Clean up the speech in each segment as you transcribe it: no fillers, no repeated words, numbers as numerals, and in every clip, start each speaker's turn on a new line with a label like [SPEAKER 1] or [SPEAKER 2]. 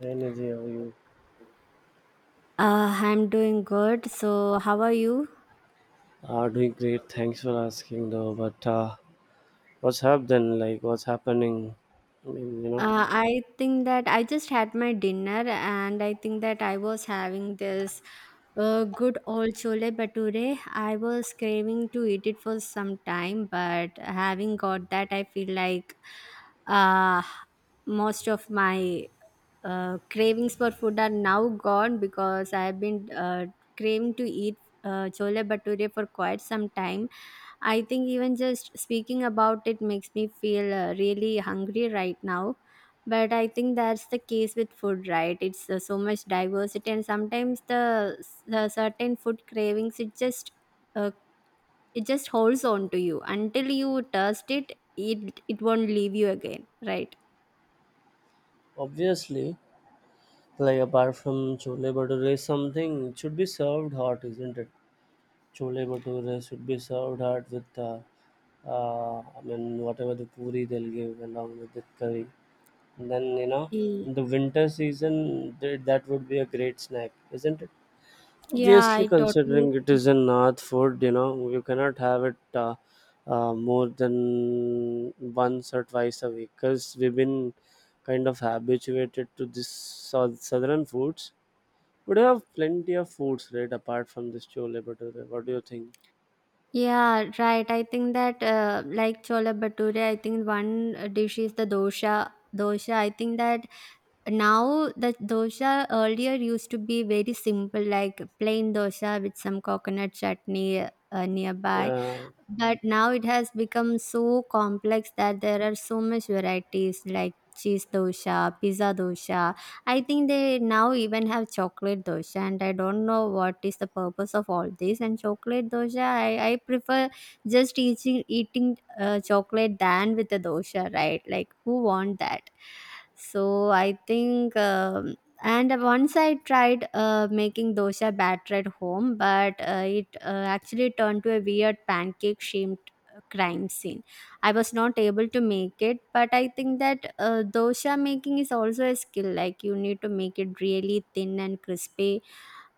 [SPEAKER 1] Hey Energy, how are you
[SPEAKER 2] I'm doing good. So, how are you?
[SPEAKER 1] are doing great. Thanks for asking, though. But what's happened? Like, what's happening? I mean, you know,
[SPEAKER 2] I think that I just had my dinner and I think that I was having this good old chole bature. I was craving to eat it for some time, but having got that, I feel like uh, most of my cravings for food are now gone because I've been craving to eat chole bature for quite some time. I think even just speaking about it makes me feel really hungry right now. But I think that's the case with food, right? It's so much diversity, and sometimes the certain food cravings uh, it just holds on to you until you taste it. It won't leave you again, right?
[SPEAKER 1] obviously, like apart from chole bhature, something it should be served hot, isn't it? Chole bhature should be served hot with, I mean, whatever the puri they'll give along with the curry. And then you know,
[SPEAKER 2] Mm.
[SPEAKER 1] in the winter season, that would be a great snack, isn't it?
[SPEAKER 2] Yeah,
[SPEAKER 1] Obviously,
[SPEAKER 2] I totally.
[SPEAKER 1] considering it is a North food, you know, you cannot have it more than once or twice a week because we've been kind of habituated to this southern foods. But you have plenty of foods, right, apart from this chole bhature. What do you think?
[SPEAKER 2] Yeah, right. I think that like chola bhature, I think one dish is the dosha. Dosha. I think that now the dosa earlier used to be very simple, like plain dosa with some coconut chutney nearby.
[SPEAKER 1] Uh,
[SPEAKER 2] But now it has become so complex that there are so much varieties like cheese dosha, pizza dosha. I think they now even have chocolate dosha, and I don't know what is the purpose of all this. And chocolate dosha, I prefer just eating chocolate than with the dosha, right? Like who want that? So I think. And once I tried making dosa batter at home, but it actually turned to a weird pancake shaped crime scene. I was not able to make it, but I think that dosa making is also a skill, like you need to make it really thin and crispy.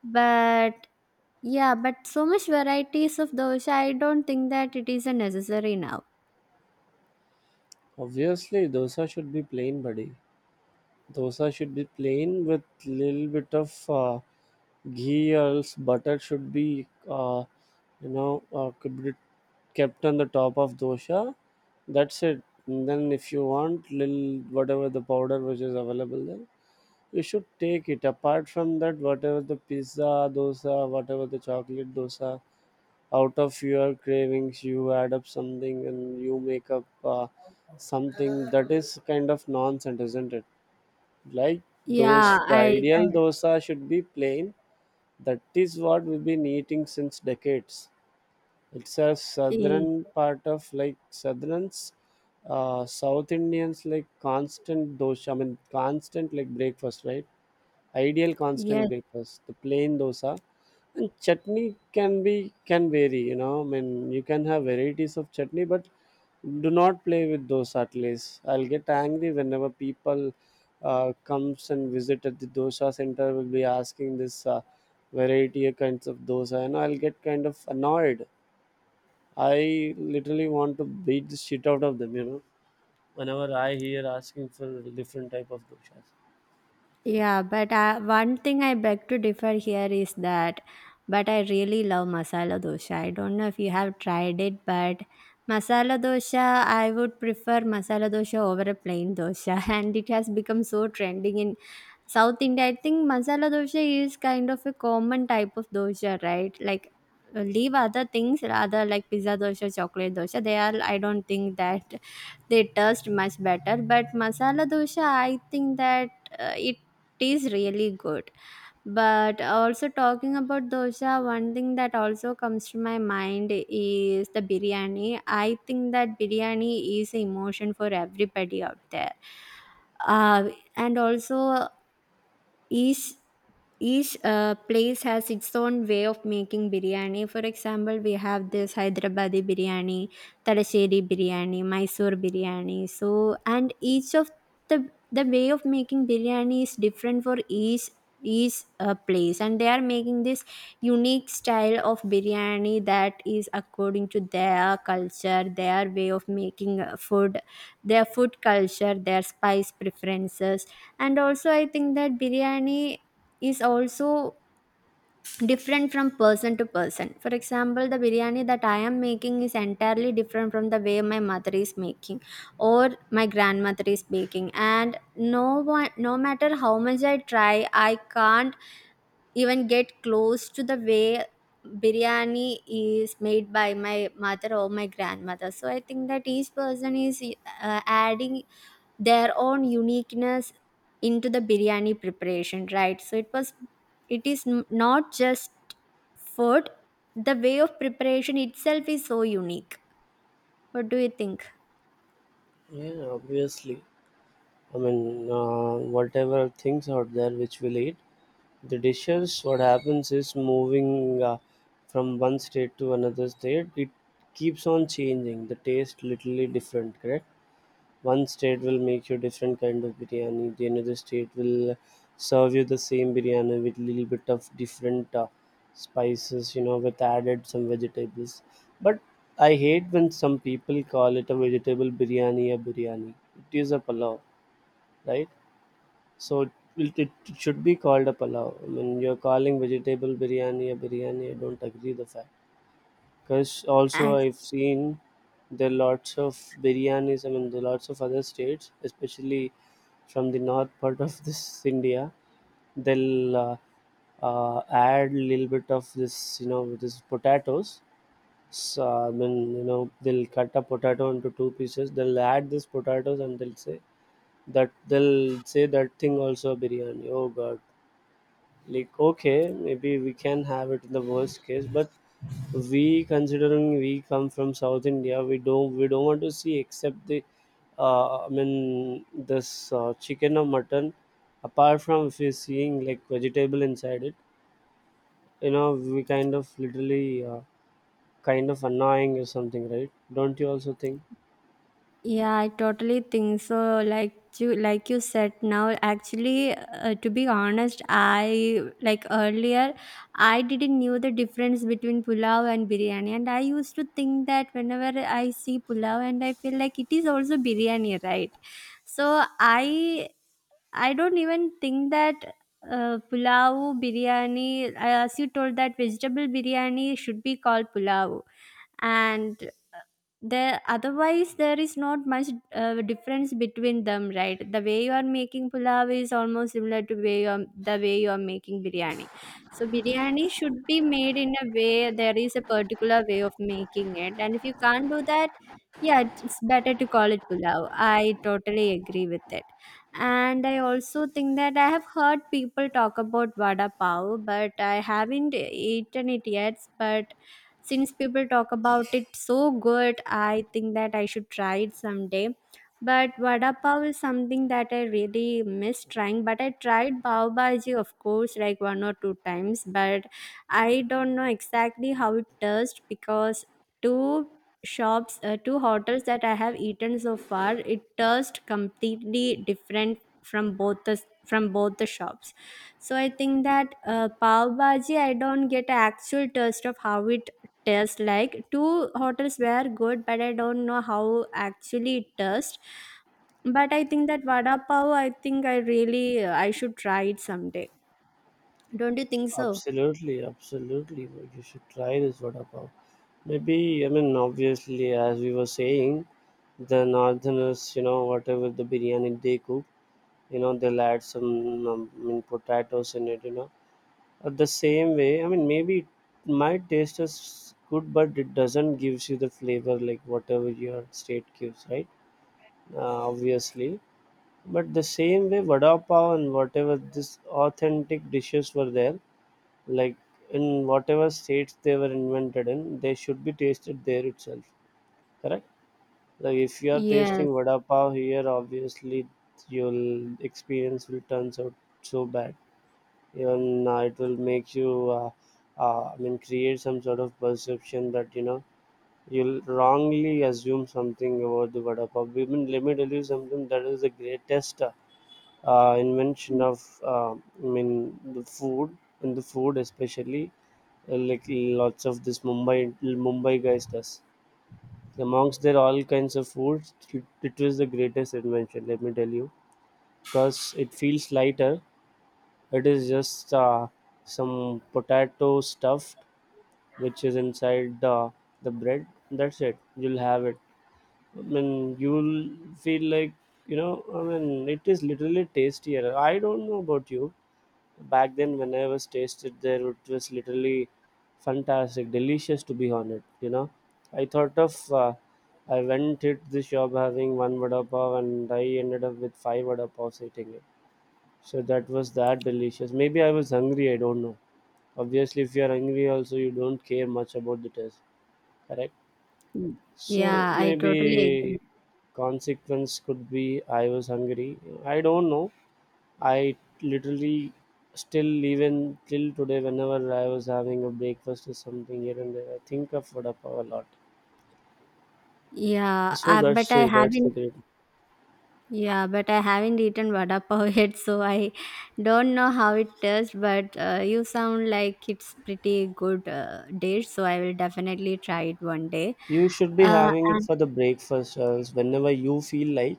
[SPEAKER 2] But yeah, but so much varieties of dosa, I don't think that it is a necessary now.
[SPEAKER 1] obviously, dosa should be plain, buddy. Dosa should be plain with little bit of ghee or else butter should be, could be kept on the top of dosha. That's it. And then if you want little whatever the powder which is available there, you should take it. Apart from that, whatever the pizza dosa, whatever the chocolate dosa, out of your cravings, you add up something and you make up something that is kind of nonsense, isn't it? Like
[SPEAKER 2] Yeah,
[SPEAKER 1] those, the
[SPEAKER 2] i,
[SPEAKER 1] ideal
[SPEAKER 2] I
[SPEAKER 1] dosa should be plain. That is what we've been eating since decades. It's a southern part of like southerns, south Indians, like constant dosha. I mean constant like breakfast, right? Ideal constant
[SPEAKER 2] Yes.
[SPEAKER 1] breakfast, the plain dosa and chutney can be, can vary, you know. I mean, you can have varieties of chutney, but do not play with dosa. At least I'll get angry whenever people comes and visit at the dosa center, will be asking this variety of kinds of dosa, and I'll get kind of annoyed. I literally want to beat the shit out of them, you know. Whenever I hear asking for different type of doshas.
[SPEAKER 2] Yeah, but one thing I beg to differ here is that, but I really love masala dosa. I don't know if you have tried it, but masala dosa, I would prefer masala dosa over a plain dosa, and it has become so trending in South India. I think masala dosa is kind of a common type of dosa, right? Like, leave other things, other like pizza dosa, chocolate dosa. They are, I don't think that they taste much better, but masala dosha, I think that it is really good. But also talking about dosha, one thing that also comes to my mind is the biryani. I think that biryani is emotion for everybody out there. uh, and also each each place has its own way of making biryani. For example, we have this Hyderabadi biryani, Talasheri biryani, Mysore biryani. So, and each of the way of making biryani is different for each place, and they are making this unique style of biryani that is according to their culture, their way of making food, their food culture, their spice preferences, and also I think that biryani is also different from person to person. For example, the biryani that I am making is entirely different from the way my mother is making or my grandmother is baking, and no one, no matter how much I try, I can't even get close to the way biryani is made by my mother or my grandmother. So I think that each person is adding their own uniqueness into the biryani preparation, right? So it is not just food, the way of preparation itself is so unique. What do you think?
[SPEAKER 1] Yeah, obviously. I mean, whatever things out there which we'll eat, the dishes, what happens is moving from one state to another state, it keeps on changing. The taste literally different, correct? One state will make you different kind of biryani. The another state will serve you the same biryani with little bit of different spices, you know, with added some vegetables. But I hate when some people call it a vegetable biryani a biryani. It is a palav, right? So it should be called a palav. When you're calling vegetable biryani a biryani, I don't agree the fact. Because also I've seen there are lots of biryanis. I mean, there are lots of other states, especially from the north part of this India. They'll add little bit of this, you know, with this potatoes. So, I mean, you know, they'll cut a potato into two pieces. They'll add this potatoes and they'll say that thing also biryani. Oh God, like, okay, maybe we can have it in the worst case, but we considering we come from South India, we don't want to see except the I mean this chicken or mutton. Apart from if you're seeing like vegetable inside it, you know we kind of literally kind of annoying or something, right? Don't you also think?
[SPEAKER 2] Yeah, I totally think so. Like you said now, actually, to be honest, I like earlier, I didn't knew the difference between pulao and biryani, and I used to think that whenever I see pulao, and I feel like it is also biryani, right? So I don't even think that pulao biryani, as you told that vegetable biryani should be called pulao, and there otherwise there is not much difference between them, right? The way you are making pulao is almost similar to way the way you are making biryani. So biryani should be made in a way, there is a particular way of making it, and if you can't do that, yeah, it's better to call it pulao. I totally agree with it. And I also think that I have heard people talk about vada pav, but I haven't eaten it yet. But since people talk about it so good, I think that I should try it someday. But vada pav is something that I really miss trying, but I tried pav bhaji, of course, like one or two times. But I don't know exactly how it tastes because two two hotels that I have eaten so far, it tastes completely different from both the from both the shops. So I think that pav bhaji, I don't get an actual taste of how it tastes like. Two hotels were good, but I don't know how actually it tastes. But I think that vada pav, I think I should try it someday. Don't you think so?
[SPEAKER 1] Absolutely, absolutely. But you should try this vada pav. Maybe, I mean, obviously, as we were saying, the northerners, you know, whatever the biryani they cook, you know, they'll add some, I mean, potatoes in it, you know. But the same way, I mean, maybe it might taste as good, but it doesn't gives you the flavor like whatever your state gives, right? Obviously. But the same way, vada pav and whatever this authentic dishes were there, like in whatever states they were invented in, they should be tasted there itself. Correct? Like if you are
[SPEAKER 2] Yes.
[SPEAKER 1] tasting vada pav here, obviously your experience will turn out so bad. Even it will make you, I mean, create some sort of perception that you know you'll wrongly assume something about the vada pav. I mean, let me tell you something that is the greatest. Invention of I mean the food, in the food especially, like lots of this Mumbai guys does amongst their all kinds of foods, it was the greatest invention, let me tell you, because it feels lighter. It is just some potato stuffed, which is inside the bread, that's it. You'll have it. I mean, you'll feel like, you know, I mean it is literally tastier. I don't know about you. Back then, when I was tasted there, it was literally fantastic, delicious to be on it. You know, I thought of I went hit the shop having one vada pav, and I ended up with five vada pavs eating it. So that was that delicious. Maybe I was hungry. I don't know. Obviously, if you are hungry, also you don't care much about the taste. Correct. So
[SPEAKER 2] Yeah, I totally agree.
[SPEAKER 1] maybe consequence could be I was hungry. I don't know. I literally still even till today whenever I was having a breakfast or something here and there, I think of vada pav a lot.
[SPEAKER 2] Yeah, but I
[SPEAKER 1] That's the
[SPEAKER 2] haven't.
[SPEAKER 1] great.
[SPEAKER 2] Yeah, but I haven't eaten vada pav yet, so I don't know how it tastes. But you sound like it's pretty good dish, so I will definitely try it one day.
[SPEAKER 1] You should be
[SPEAKER 2] Uh,
[SPEAKER 1] having it for the breakfast whenever you feel like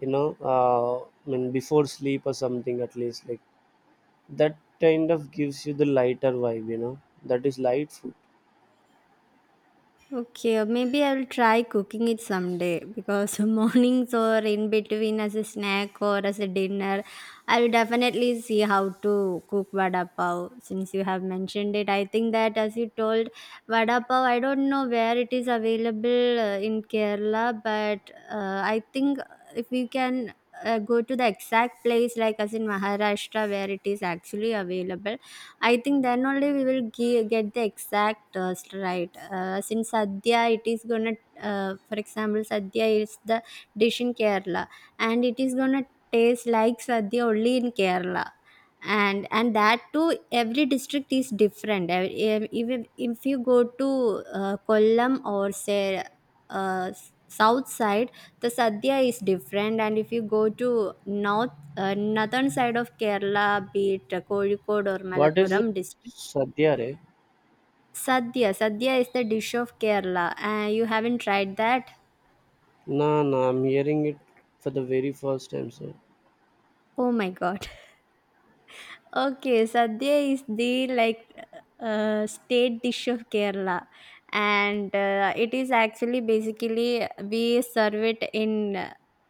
[SPEAKER 1] you know. I mean before sleep or something, at least like that kind of gives you the lighter vibe. You know that is light food.
[SPEAKER 2] Okay, or maybe I'll try cooking it someday because mornings or in between as a snack or as a dinner, I'll definitely see how to cook vada pav. Since you have mentioned it, I think that as you told vada pav, I don't know where it is available in Kerala, but I think if we can go to the exact place, like as in Maharashtra, where it is actually available. I think then only we will get the exact taste right. Since Sadhya, it is gonna, for example, Sadhya is the dish in Kerala, and it is gonna taste like Sadhya only in Kerala, and that too every district is different. Even if you go to Kollam or say south side, the sadhya is different, and if you go to northern side of Kerala, be it Kozhikode or
[SPEAKER 1] What is it?
[SPEAKER 2] Malappuram district.
[SPEAKER 1] Sadhya re?
[SPEAKER 2] Sadhya is the dish of Kerala. You haven't tried that?
[SPEAKER 1] Nah, nah. I'm hearing it for the very first time, sir.
[SPEAKER 2] Oh my god. Okay, sadhya is the like state dish of Kerala, and it is actually basically we serve it in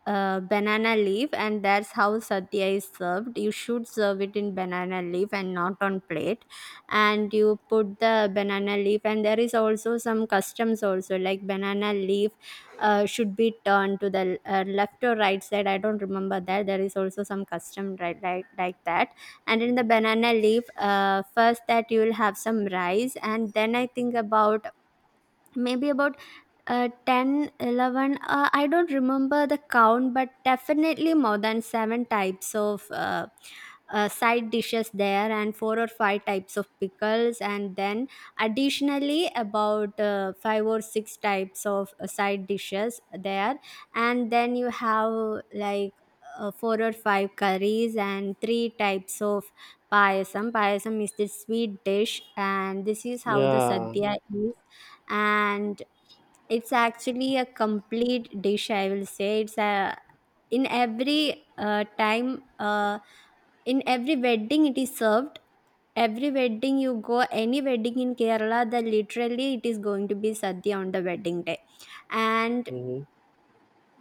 [SPEAKER 2] banana leaf, and that's how sadhya is served. You should serve it in banana leaf and not on plate, and you put the banana leaf, and there is also some customs also like banana leaf should be turned to the left or right side. I don't remember that. There is also some custom, right, like that. And in the banana leaf first that you will have some rice, and then I think about maybe about 10 11, I don't remember the count, but definitely more than seven types of side dishes there, and four or five types of pickles, and then additionally about five or six types of side dishes there, and then you have like four or five curries and three types of payasam. Payasam is the sweet dish, and this is how the
[SPEAKER 1] Yeah.
[SPEAKER 2] sadhya is. And it's actually a complete dish, I will say. It's a, in every time, in every wedding it is served. Every wedding you go, any wedding in Kerala, the literally it is going to be sadhya on the wedding day. And
[SPEAKER 1] Mhm.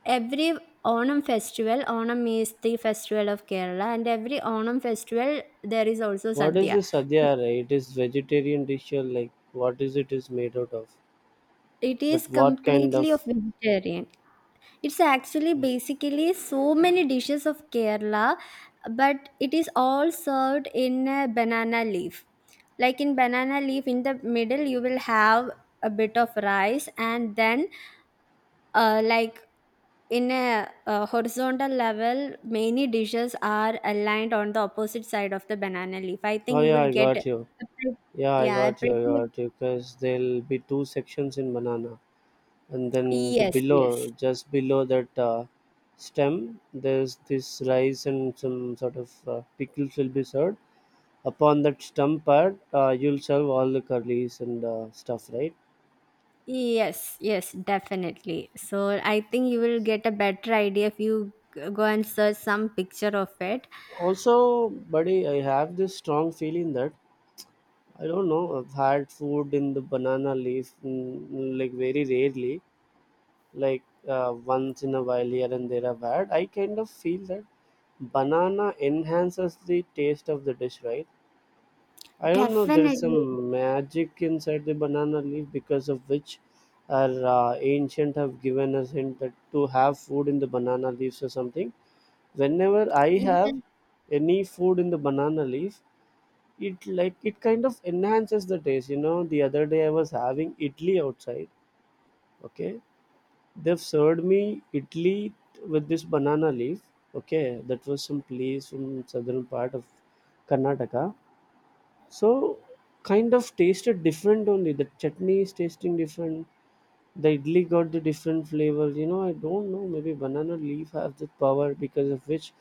[SPEAKER 2] every onam festival, onam is the festival of Kerala, and every onam festival there is also
[SPEAKER 1] What is
[SPEAKER 2] sadhya.
[SPEAKER 1] this sadyara? It is vegetarian dish or like what is it is made out of?
[SPEAKER 2] It is
[SPEAKER 1] But what kind
[SPEAKER 2] completely of
[SPEAKER 1] of?
[SPEAKER 2] vegetarian. It's actually basically so many dishes of Kerala, but it is all served in a banana leaf. Like in banana leaf, in the middle, you will have a bit of rice, and then, like in a, horizontal level, many dishes are aligned on the opposite side of the banana leaf. I
[SPEAKER 1] Oh
[SPEAKER 2] think you
[SPEAKER 1] yeah,
[SPEAKER 2] will
[SPEAKER 1] I
[SPEAKER 2] get a,
[SPEAKER 1] got you.
[SPEAKER 2] pre-
[SPEAKER 1] Yeah, I
[SPEAKER 2] yeah, a
[SPEAKER 1] got you. I
[SPEAKER 2] pretty.
[SPEAKER 1] got you. Because there'll be two sections in banana, and then the
[SPEAKER 2] Yes,
[SPEAKER 1] below,
[SPEAKER 2] yes.
[SPEAKER 1] just below that stem, there's this rice and some sort of pickles will be served. Upon that stem part, you'll serve all the curries and stuff, right?
[SPEAKER 2] Yes, yes, definitely. So I think you will get a better idea if you go and search some picture of it.
[SPEAKER 1] Also, buddy, I have this strong feeling that I don't know. I've had food in the banana leaf, like very rarely, like once in a while here and there, I've had. I kind of feel that banana enhances the taste of the dish, right? I don't know. There is
[SPEAKER 2] Definitely.
[SPEAKER 1] some magic inside the banana leaf because of which our ancient have given us hint that to have food in the banana leaves or something. Whenever I
[SPEAKER 2] Yes,
[SPEAKER 1] have any food in the banana leaf, it like it kind of enhances the taste, you know. The other day I was having idli outside, okay, they've served me idli with this banana leaf. Okay, that was some place from southern part of Karnataka. So kind of tasted different, only the chutney is tasting different, the idli got the different flavors. You know, I don't know. Maybe banana leaf have the power because of which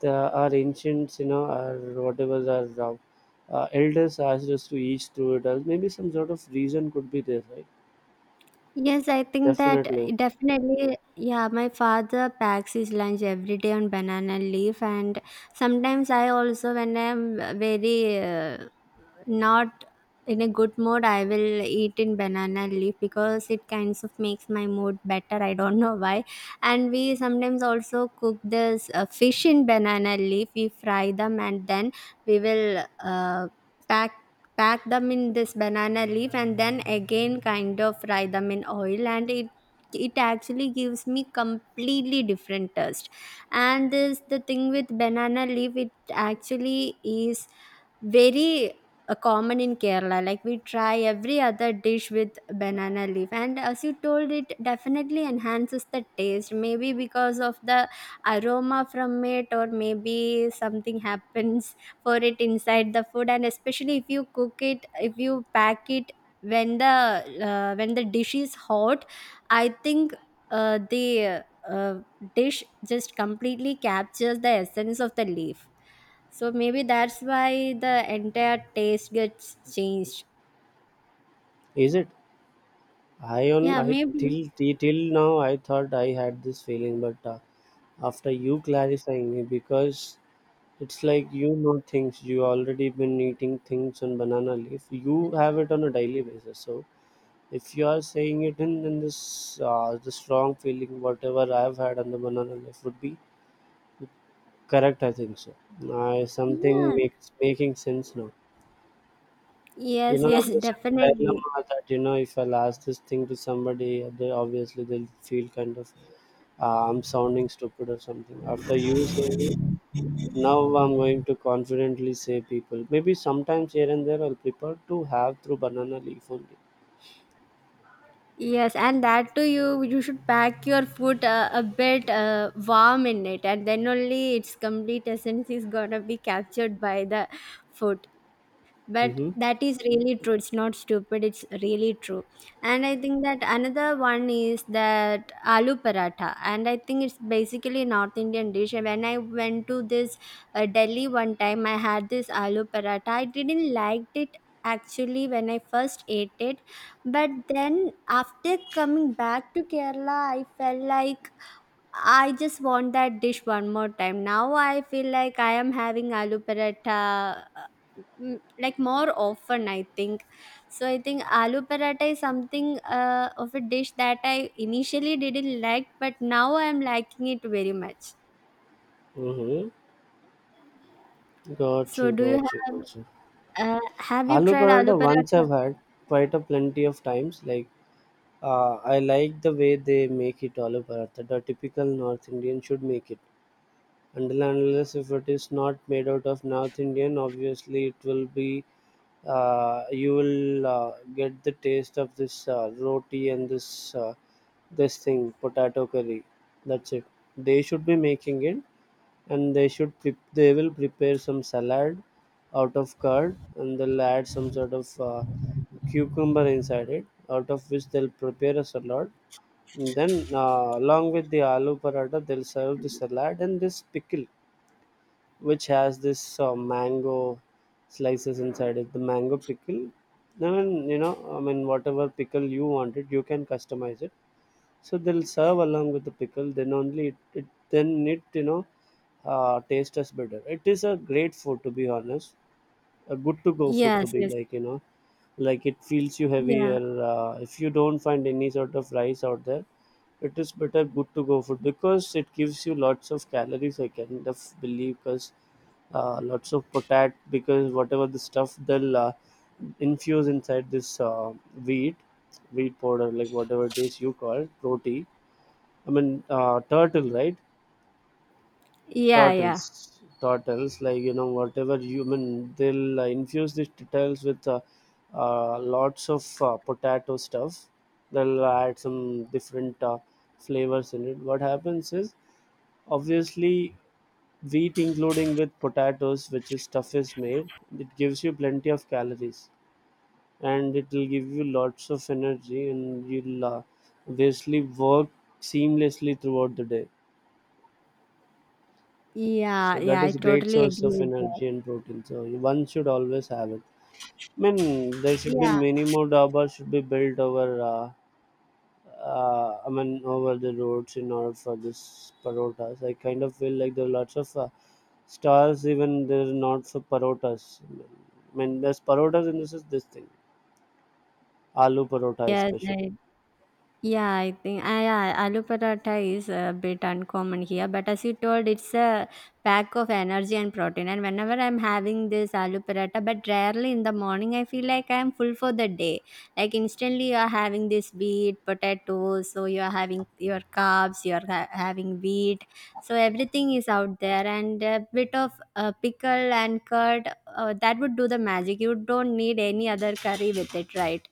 [SPEAKER 1] the our ancients, you know, our whatever our elders asked us to eat through it. Or maybe some sort of reason could be there, right?
[SPEAKER 2] yes, I think that
[SPEAKER 1] Definitely.
[SPEAKER 2] definitely. Yeah, my father packs his lunch every day on banana leaf, and sometimes I also, when I'm very not in a good mood, I will eat in banana leaf because it kinds of makes my mood better. I don't know why. And we sometimes also cook this fish in banana leaf. We fry them and then we will pack pack them in this banana leaf and then again kind of fry them in oil, and it actually gives me completely different taste. And this the thing with banana leaf, it actually is very a common in Kerala. Like we try every other dish with banana leaf, and as you told, it definitely enhances the taste. Maybe because of the aroma from it, or maybe something happens for it inside the food. And especially if you cook it, if you pack it when the dish is hot, I think the uh, dish just completely captures the essence of the leaf. So maybe that's why the entire taste gets changed.
[SPEAKER 1] Is it? I on
[SPEAKER 2] Yeah,
[SPEAKER 1] I
[SPEAKER 2] maybe.
[SPEAKER 1] till till till now, I thought I had this feeling, but after you clarifying me, because it's like you know things. You already been eating things on banana leaf. You have it on a daily basis, so if you are saying it in this the strong feeling, whatever I have had on the banana leaf would be correct, I think so. I something
[SPEAKER 2] Yeah.
[SPEAKER 1] makes making sense now. You
[SPEAKER 2] Yes,
[SPEAKER 1] know, I
[SPEAKER 2] yes,
[SPEAKER 1] was in a
[SPEAKER 2] definitely.
[SPEAKER 1] dilemma that you know if I'll ask this thing to somebody, they obviously they'll feel kind of I'm sounding stupid or something. After you say me, now I'm going to confidently say people. Maybe sometimes here and there I'll prefer to have through banana leaf only.
[SPEAKER 2] Yes, and that too, you should pack your food a bit warm in it, and then only its complete essence is gonna be captured by the food. But
[SPEAKER 1] Mm-hmm.
[SPEAKER 2] that is really true, it's not stupid, it's really true. And I think that another one is that aloo paratha, and I think it's basically North Indian dish. And when I went to this Delhi one time, I had this aloo paratha. I didn't liked it actually when I first ate it, but then after coming back to Kerala, I felt like I just want that dish one more time. Now I feel like I am having aloo paratha, like more often I think. So I think aloo paratha is something of a dish that I initially didn't like, but now I am liking it very much.
[SPEAKER 1] Mm-hmm. Got
[SPEAKER 2] So
[SPEAKER 1] you,
[SPEAKER 2] do you
[SPEAKER 1] got you, got you.
[SPEAKER 2] have you
[SPEAKER 1] Aloo
[SPEAKER 2] tried aloo
[SPEAKER 1] paratha once
[SPEAKER 2] paratha?
[SPEAKER 1] I've had quite a plenty of times. Like I like the way they make it aloo paratha. The typical North Indian should make it. Until and unless if it is not made out of North Indian, obviously it will be. You will get the taste of this roti and this thing potato curry. That's it. They should be making it and they will prepare some salad out of curd and they'll add some sort of cucumber inside it, out of which they'll prepare a salad. And then along with the aloo paratha they'll serve the salad and this pickle which has this mango slices inside it, the mango pickle. Then you know I mean whatever pickle you wanted, you can customize it, so they'll serve along with the pickle. Then only it, you know, taste as better. It is a great food to be honest, a good to go food to
[SPEAKER 2] Yes,
[SPEAKER 1] be
[SPEAKER 2] yes.
[SPEAKER 1] like like it feels you
[SPEAKER 2] Yeah.
[SPEAKER 1] heavier. If you don't find any sort of rice out there, it is better good to go food because it gives you lots of calories. I kind of believe because lots of potat because whatever the stuff they'll infuse inside this wheat wheat powder like whatever it is you call roti. I mean, turtle, right?
[SPEAKER 2] Yeah, yeah.
[SPEAKER 1] Turtles, turtles, like whatever you I mean, they'll infuse these turtles with lots of potato stuff. They'll add some different flavors in it. What happens is, obviously, wheat including with potatoes, which is stuff is made, it gives you plenty of calories and it will give you lots of energy, and you'll obviously work seamlessly throughout the day.
[SPEAKER 2] Yeah,
[SPEAKER 1] So
[SPEAKER 2] yeah,
[SPEAKER 1] that
[SPEAKER 2] I
[SPEAKER 1] is great
[SPEAKER 2] totally
[SPEAKER 1] source
[SPEAKER 2] agree
[SPEAKER 1] of
[SPEAKER 2] with that.
[SPEAKER 1] energy and protein. So one should always have it. I mean, there should be
[SPEAKER 2] Yeah.
[SPEAKER 1] many more dabas should be built over. I mean, over the roads in order for this parotas. I kind of feel like there are lots of stars even there are not for parotas. I mean, there's parotas and this is this thing, aloo parota
[SPEAKER 2] Yes,
[SPEAKER 1] especially.
[SPEAKER 2] I Yeah, I think yeah, aloo paratha is a bit uncommon here, but as you told, it's a pack of energy and protein. And whenever I'm having this aloo paratha, but rarely in the morning, I feel like I'm full for the day. Like instantly, you are having this wheat, potatoes, so you are having your carbs, you are having wheat, so everything is out there, and a bit of pickle and curd that would do the magic. You don't need any other curry with it, right?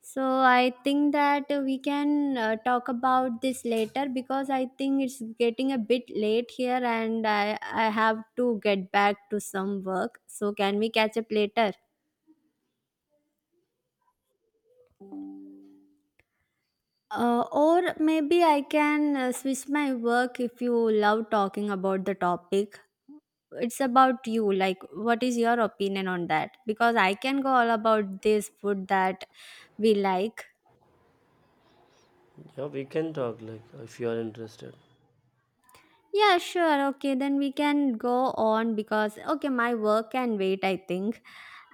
[SPEAKER 2] So I think that we can talk about this later, because I think it's getting a bit late here and I have to get back to some work. So can we catch up later? Or maybe I can switch my work if you love talking about the topic. It's about you. Like, what is your opinion on that? Because I can go all about this food that we like.
[SPEAKER 1] Yeah, we can talk like if you are interested.
[SPEAKER 2] Yeah, sure. Okay, then we can go on because okay, my work can wait, I think.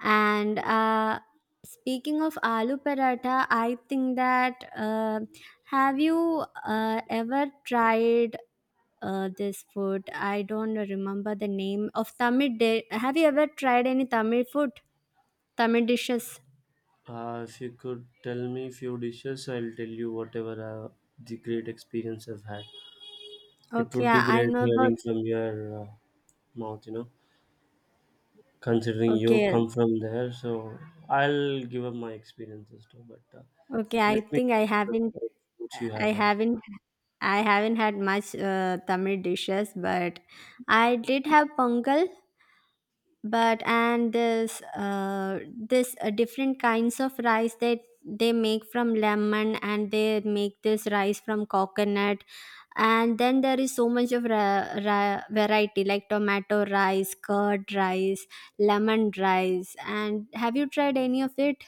[SPEAKER 2] And Speaking of aloo paratha, I think that have you ever tried this food? I don't remember the name of Tamil. Have you ever tried any Tamil food, Tamil dishes?
[SPEAKER 1] If you could tell me few dishes, I'll tell you whatever the great experience I've had. It
[SPEAKER 2] Okay,
[SPEAKER 1] would be
[SPEAKER 2] I
[SPEAKER 1] great
[SPEAKER 2] know about.
[SPEAKER 1] hearing from your mouth, considering you
[SPEAKER 2] Okay,
[SPEAKER 1] come from there. So I'll give up my experiences too, but
[SPEAKER 2] okay. I
[SPEAKER 1] let me
[SPEAKER 2] think I
[SPEAKER 1] hear
[SPEAKER 2] haven't.
[SPEAKER 1] the foods you
[SPEAKER 2] I
[SPEAKER 1] have had.
[SPEAKER 2] haven't I haven't had much Tamil dishes, but I did have pongal, but and this different kinds of rice that they make from lemon, and they make this rice from coconut, and then there is so much of variety, like tomato rice, curd rice, lemon rice. And have you tried any of it?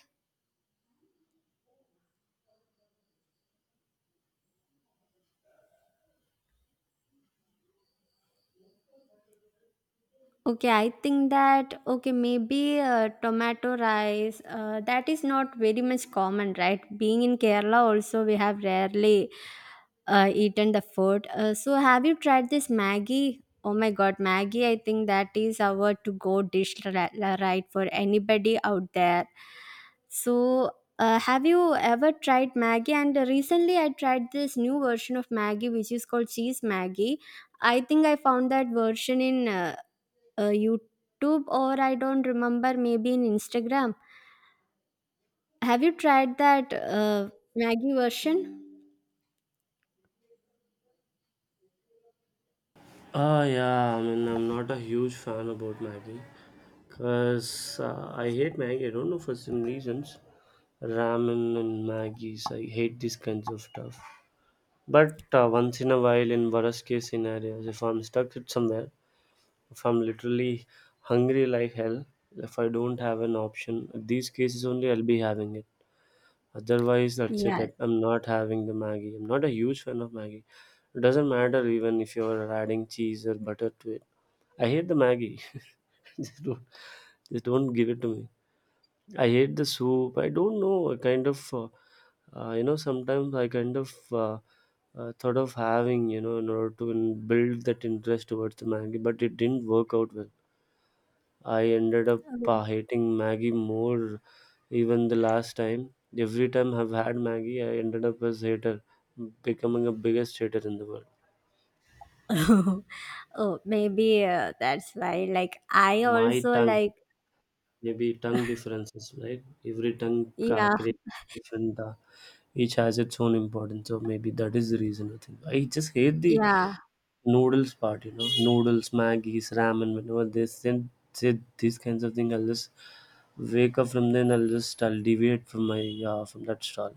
[SPEAKER 2] Okay, I think that okay, maybe tomato rice, that is not very much common, right? Being in Kerala, also we have rarely eaten the food. So have you tried this Maggie? Oh my God, Maggie! I think that is our to-go dish, right, for anybody out there. So have you ever tried Maggie? And recently, I tried this new version of Maggie, which is called cheese Maggie. I think I found that version in. YouTube, or I don't remember, maybe in Instagram. Have you tried that Maggie version?
[SPEAKER 1] Ah, yeah, I mean, I'm not a huge fan about Maggie because I hate Maggie. I don't know for some reasons. Ramen and Maggie's, I hate these kinds of stuff. But once in a while, in worst case scenarios, if I'm stuck at somewhere, if I'm literally hungry like hell, if I don't have an option, these cases only I'll be having it. Otherwise, that's
[SPEAKER 2] Yeah.
[SPEAKER 1] it. I'm not having the Maggie. I'm not a huge fan of Maggie. It doesn't matter even if you're adding cheese or butter to it. I hate the Maggie. Just don't, just don't give it to me. I hate the soup. I don't know. I kind of, you know, sometimes I kind of thought of having, you know, in order to build that interest towards the Maggie, but it didn't work out well. I ended up hating Maggie more even the last time. Every time I've had Maggie, I ended up as hater, becoming a biggest hater in the world.
[SPEAKER 2] Oh, oh, maybe that's why. Like, I
[SPEAKER 1] My
[SPEAKER 2] also
[SPEAKER 1] tongue,
[SPEAKER 2] like,
[SPEAKER 1] maybe tongue differences, right? Every tongue
[SPEAKER 2] yeah,
[SPEAKER 1] creates different. Each has its own importance, so maybe that is the reason. I think I just hate the
[SPEAKER 2] yeah.
[SPEAKER 1] noodles part. You know, noodles, Maggie's, ramen. Whenever they send say these kinds of things, I'll just wake up from then. I'll deviate from my from that stall.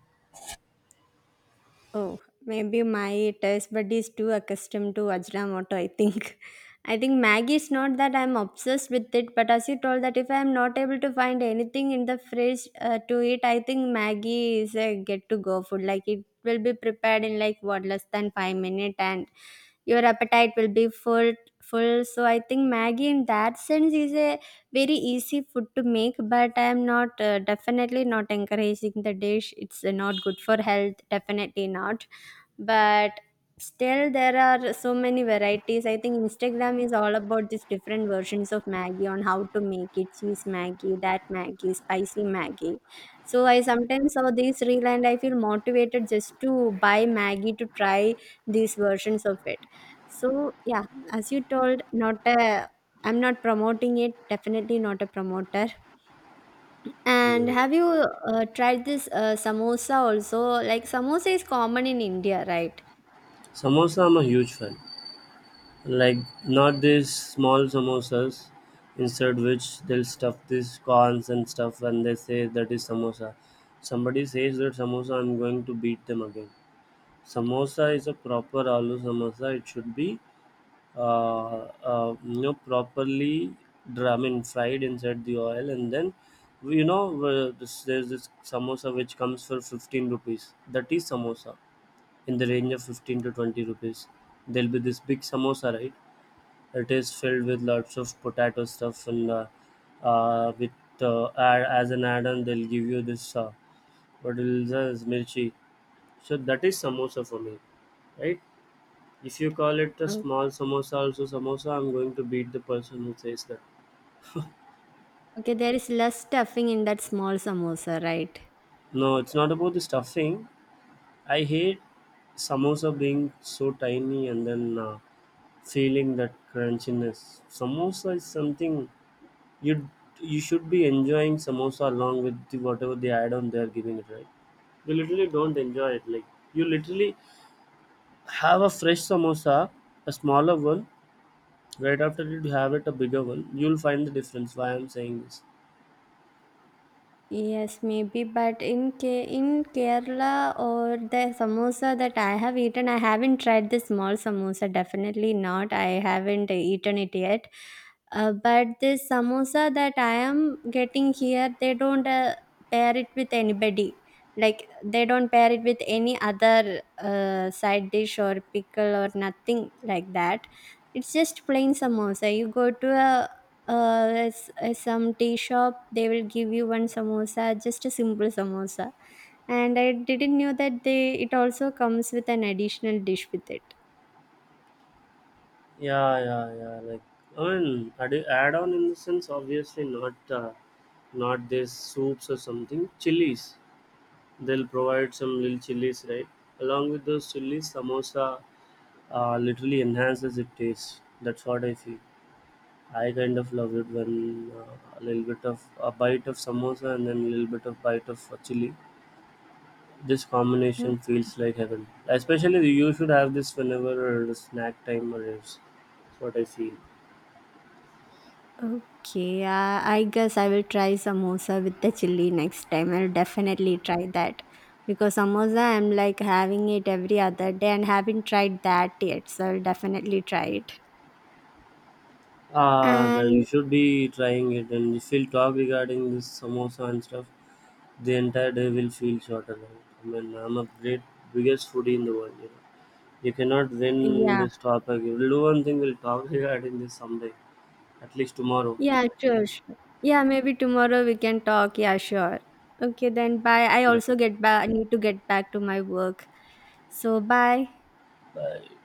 [SPEAKER 2] Oh, maybe my taste bud is too accustomed to Ajinomoto, I think. I think Maggie is not that I'm obsessed with it, but as you told, that if I'm not able to find anything in the fridge to eat, I think Maggie is a get to go food. Like it will be prepared in like what less than 5 minutes, and your appetite will be full. So I think Maggie in that sense is a very easy food to make, but I am not definitely not encouraging the dish. It's not good for health, definitely not. But still, there are so many varieties. I think Instagram is all about these different versions of Maggie, on how to make it: cheese Maggie, that Maggie, spicy Maggie. So I sometimes saw this reel and I feel motivated just to buy Maggie to try these versions of it. So yeah, as you told, not a I'm not promoting it. Definitely not a promoter. And have you tried this samosa also? Like samosa is common in India, right?
[SPEAKER 1] Samosa I'm a huge fan. Like not these small samosas inside which they'll stuff these corns and stuff and they say that is samosa. Somebody says that samosa I'm going to beat them again. Samosa is a proper aloo samosa. It should be uh, you know, properly I mean, fried inside the oil and then there's this samosa which comes for 15 rupees. That is samosa in the range of 15 to 20 rupees. There'll be this big samosa, right? It is filled with lots of potato stuff and with as an add-on they'll give you this what is this mirchi. So that is samosa for me, right? If you call it a
[SPEAKER 2] Oh,
[SPEAKER 1] small samosa, also samosa, I'm going to beat the person who says that.
[SPEAKER 2] okay, there is less stuffing in that small samosa, right?
[SPEAKER 1] No, it's not about the stuffing. I hate samosa being so tiny and then feeling that crunchiness. Samosa is something you you should be enjoying samosa along with the, whatever they add-on they're giving it, right? You literally don't enjoy it, like you literally have a fresh samosa, a smaller one. Right after you have it a bigger one, you'll find the difference why I'm saying this.
[SPEAKER 2] Yes, maybe, but in K in Kerala, or the samosa that I have eaten, I haven't tried the small samosa, definitely not. I haven't eaten it yet. But this samosa that I am getting here, they don't pair it with anybody. Like they don't pair it with any other side dish or pickle or nothing like that. It's just plain samosa. You go to a some tea shop, they will give you one samosa, just a simple samosa. And I didn't know that they it also comes with an additional dish with it.
[SPEAKER 1] Yeah, yeah, yeah, like I mean, add-on in the sense obviously not not these soups or something, chilies they'll provide, some little chilies, right? Along with those chilies samosa literally enhances its taste. That's what I feel. I kind of love it when a little bit of a bite of samosa and then a little bit of bite of chili. This
[SPEAKER 2] O-
[SPEAKER 1] combination feels like heaven. Especially you should have this whenever the snack time arrives. That's what I feel.
[SPEAKER 2] Okay, I guess I will try samosa with the chili next time. I'll definitely try that because samosa I'm like having it every other day and haven't tried that yet. So I'll definitely try it.
[SPEAKER 1] Ah, then you
[SPEAKER 2] And
[SPEAKER 1] should be trying it. And if you'll talk regarding this samosa and stuff, the entire day will feel shorter. Right? I mean, I'm a great biggest foodie in the world. You know? You cannot win
[SPEAKER 2] yeah,
[SPEAKER 1] this topic. We'll do one thing. We'll talk regarding this someday. At least tomorrow.
[SPEAKER 2] yeah, sure, sure. Yeah, maybe tomorrow we can talk. Yeah, sure. Okay, then bye. I also
[SPEAKER 1] Definitely.
[SPEAKER 2] get back. I need to get back to my work. So bye.
[SPEAKER 1] Bye.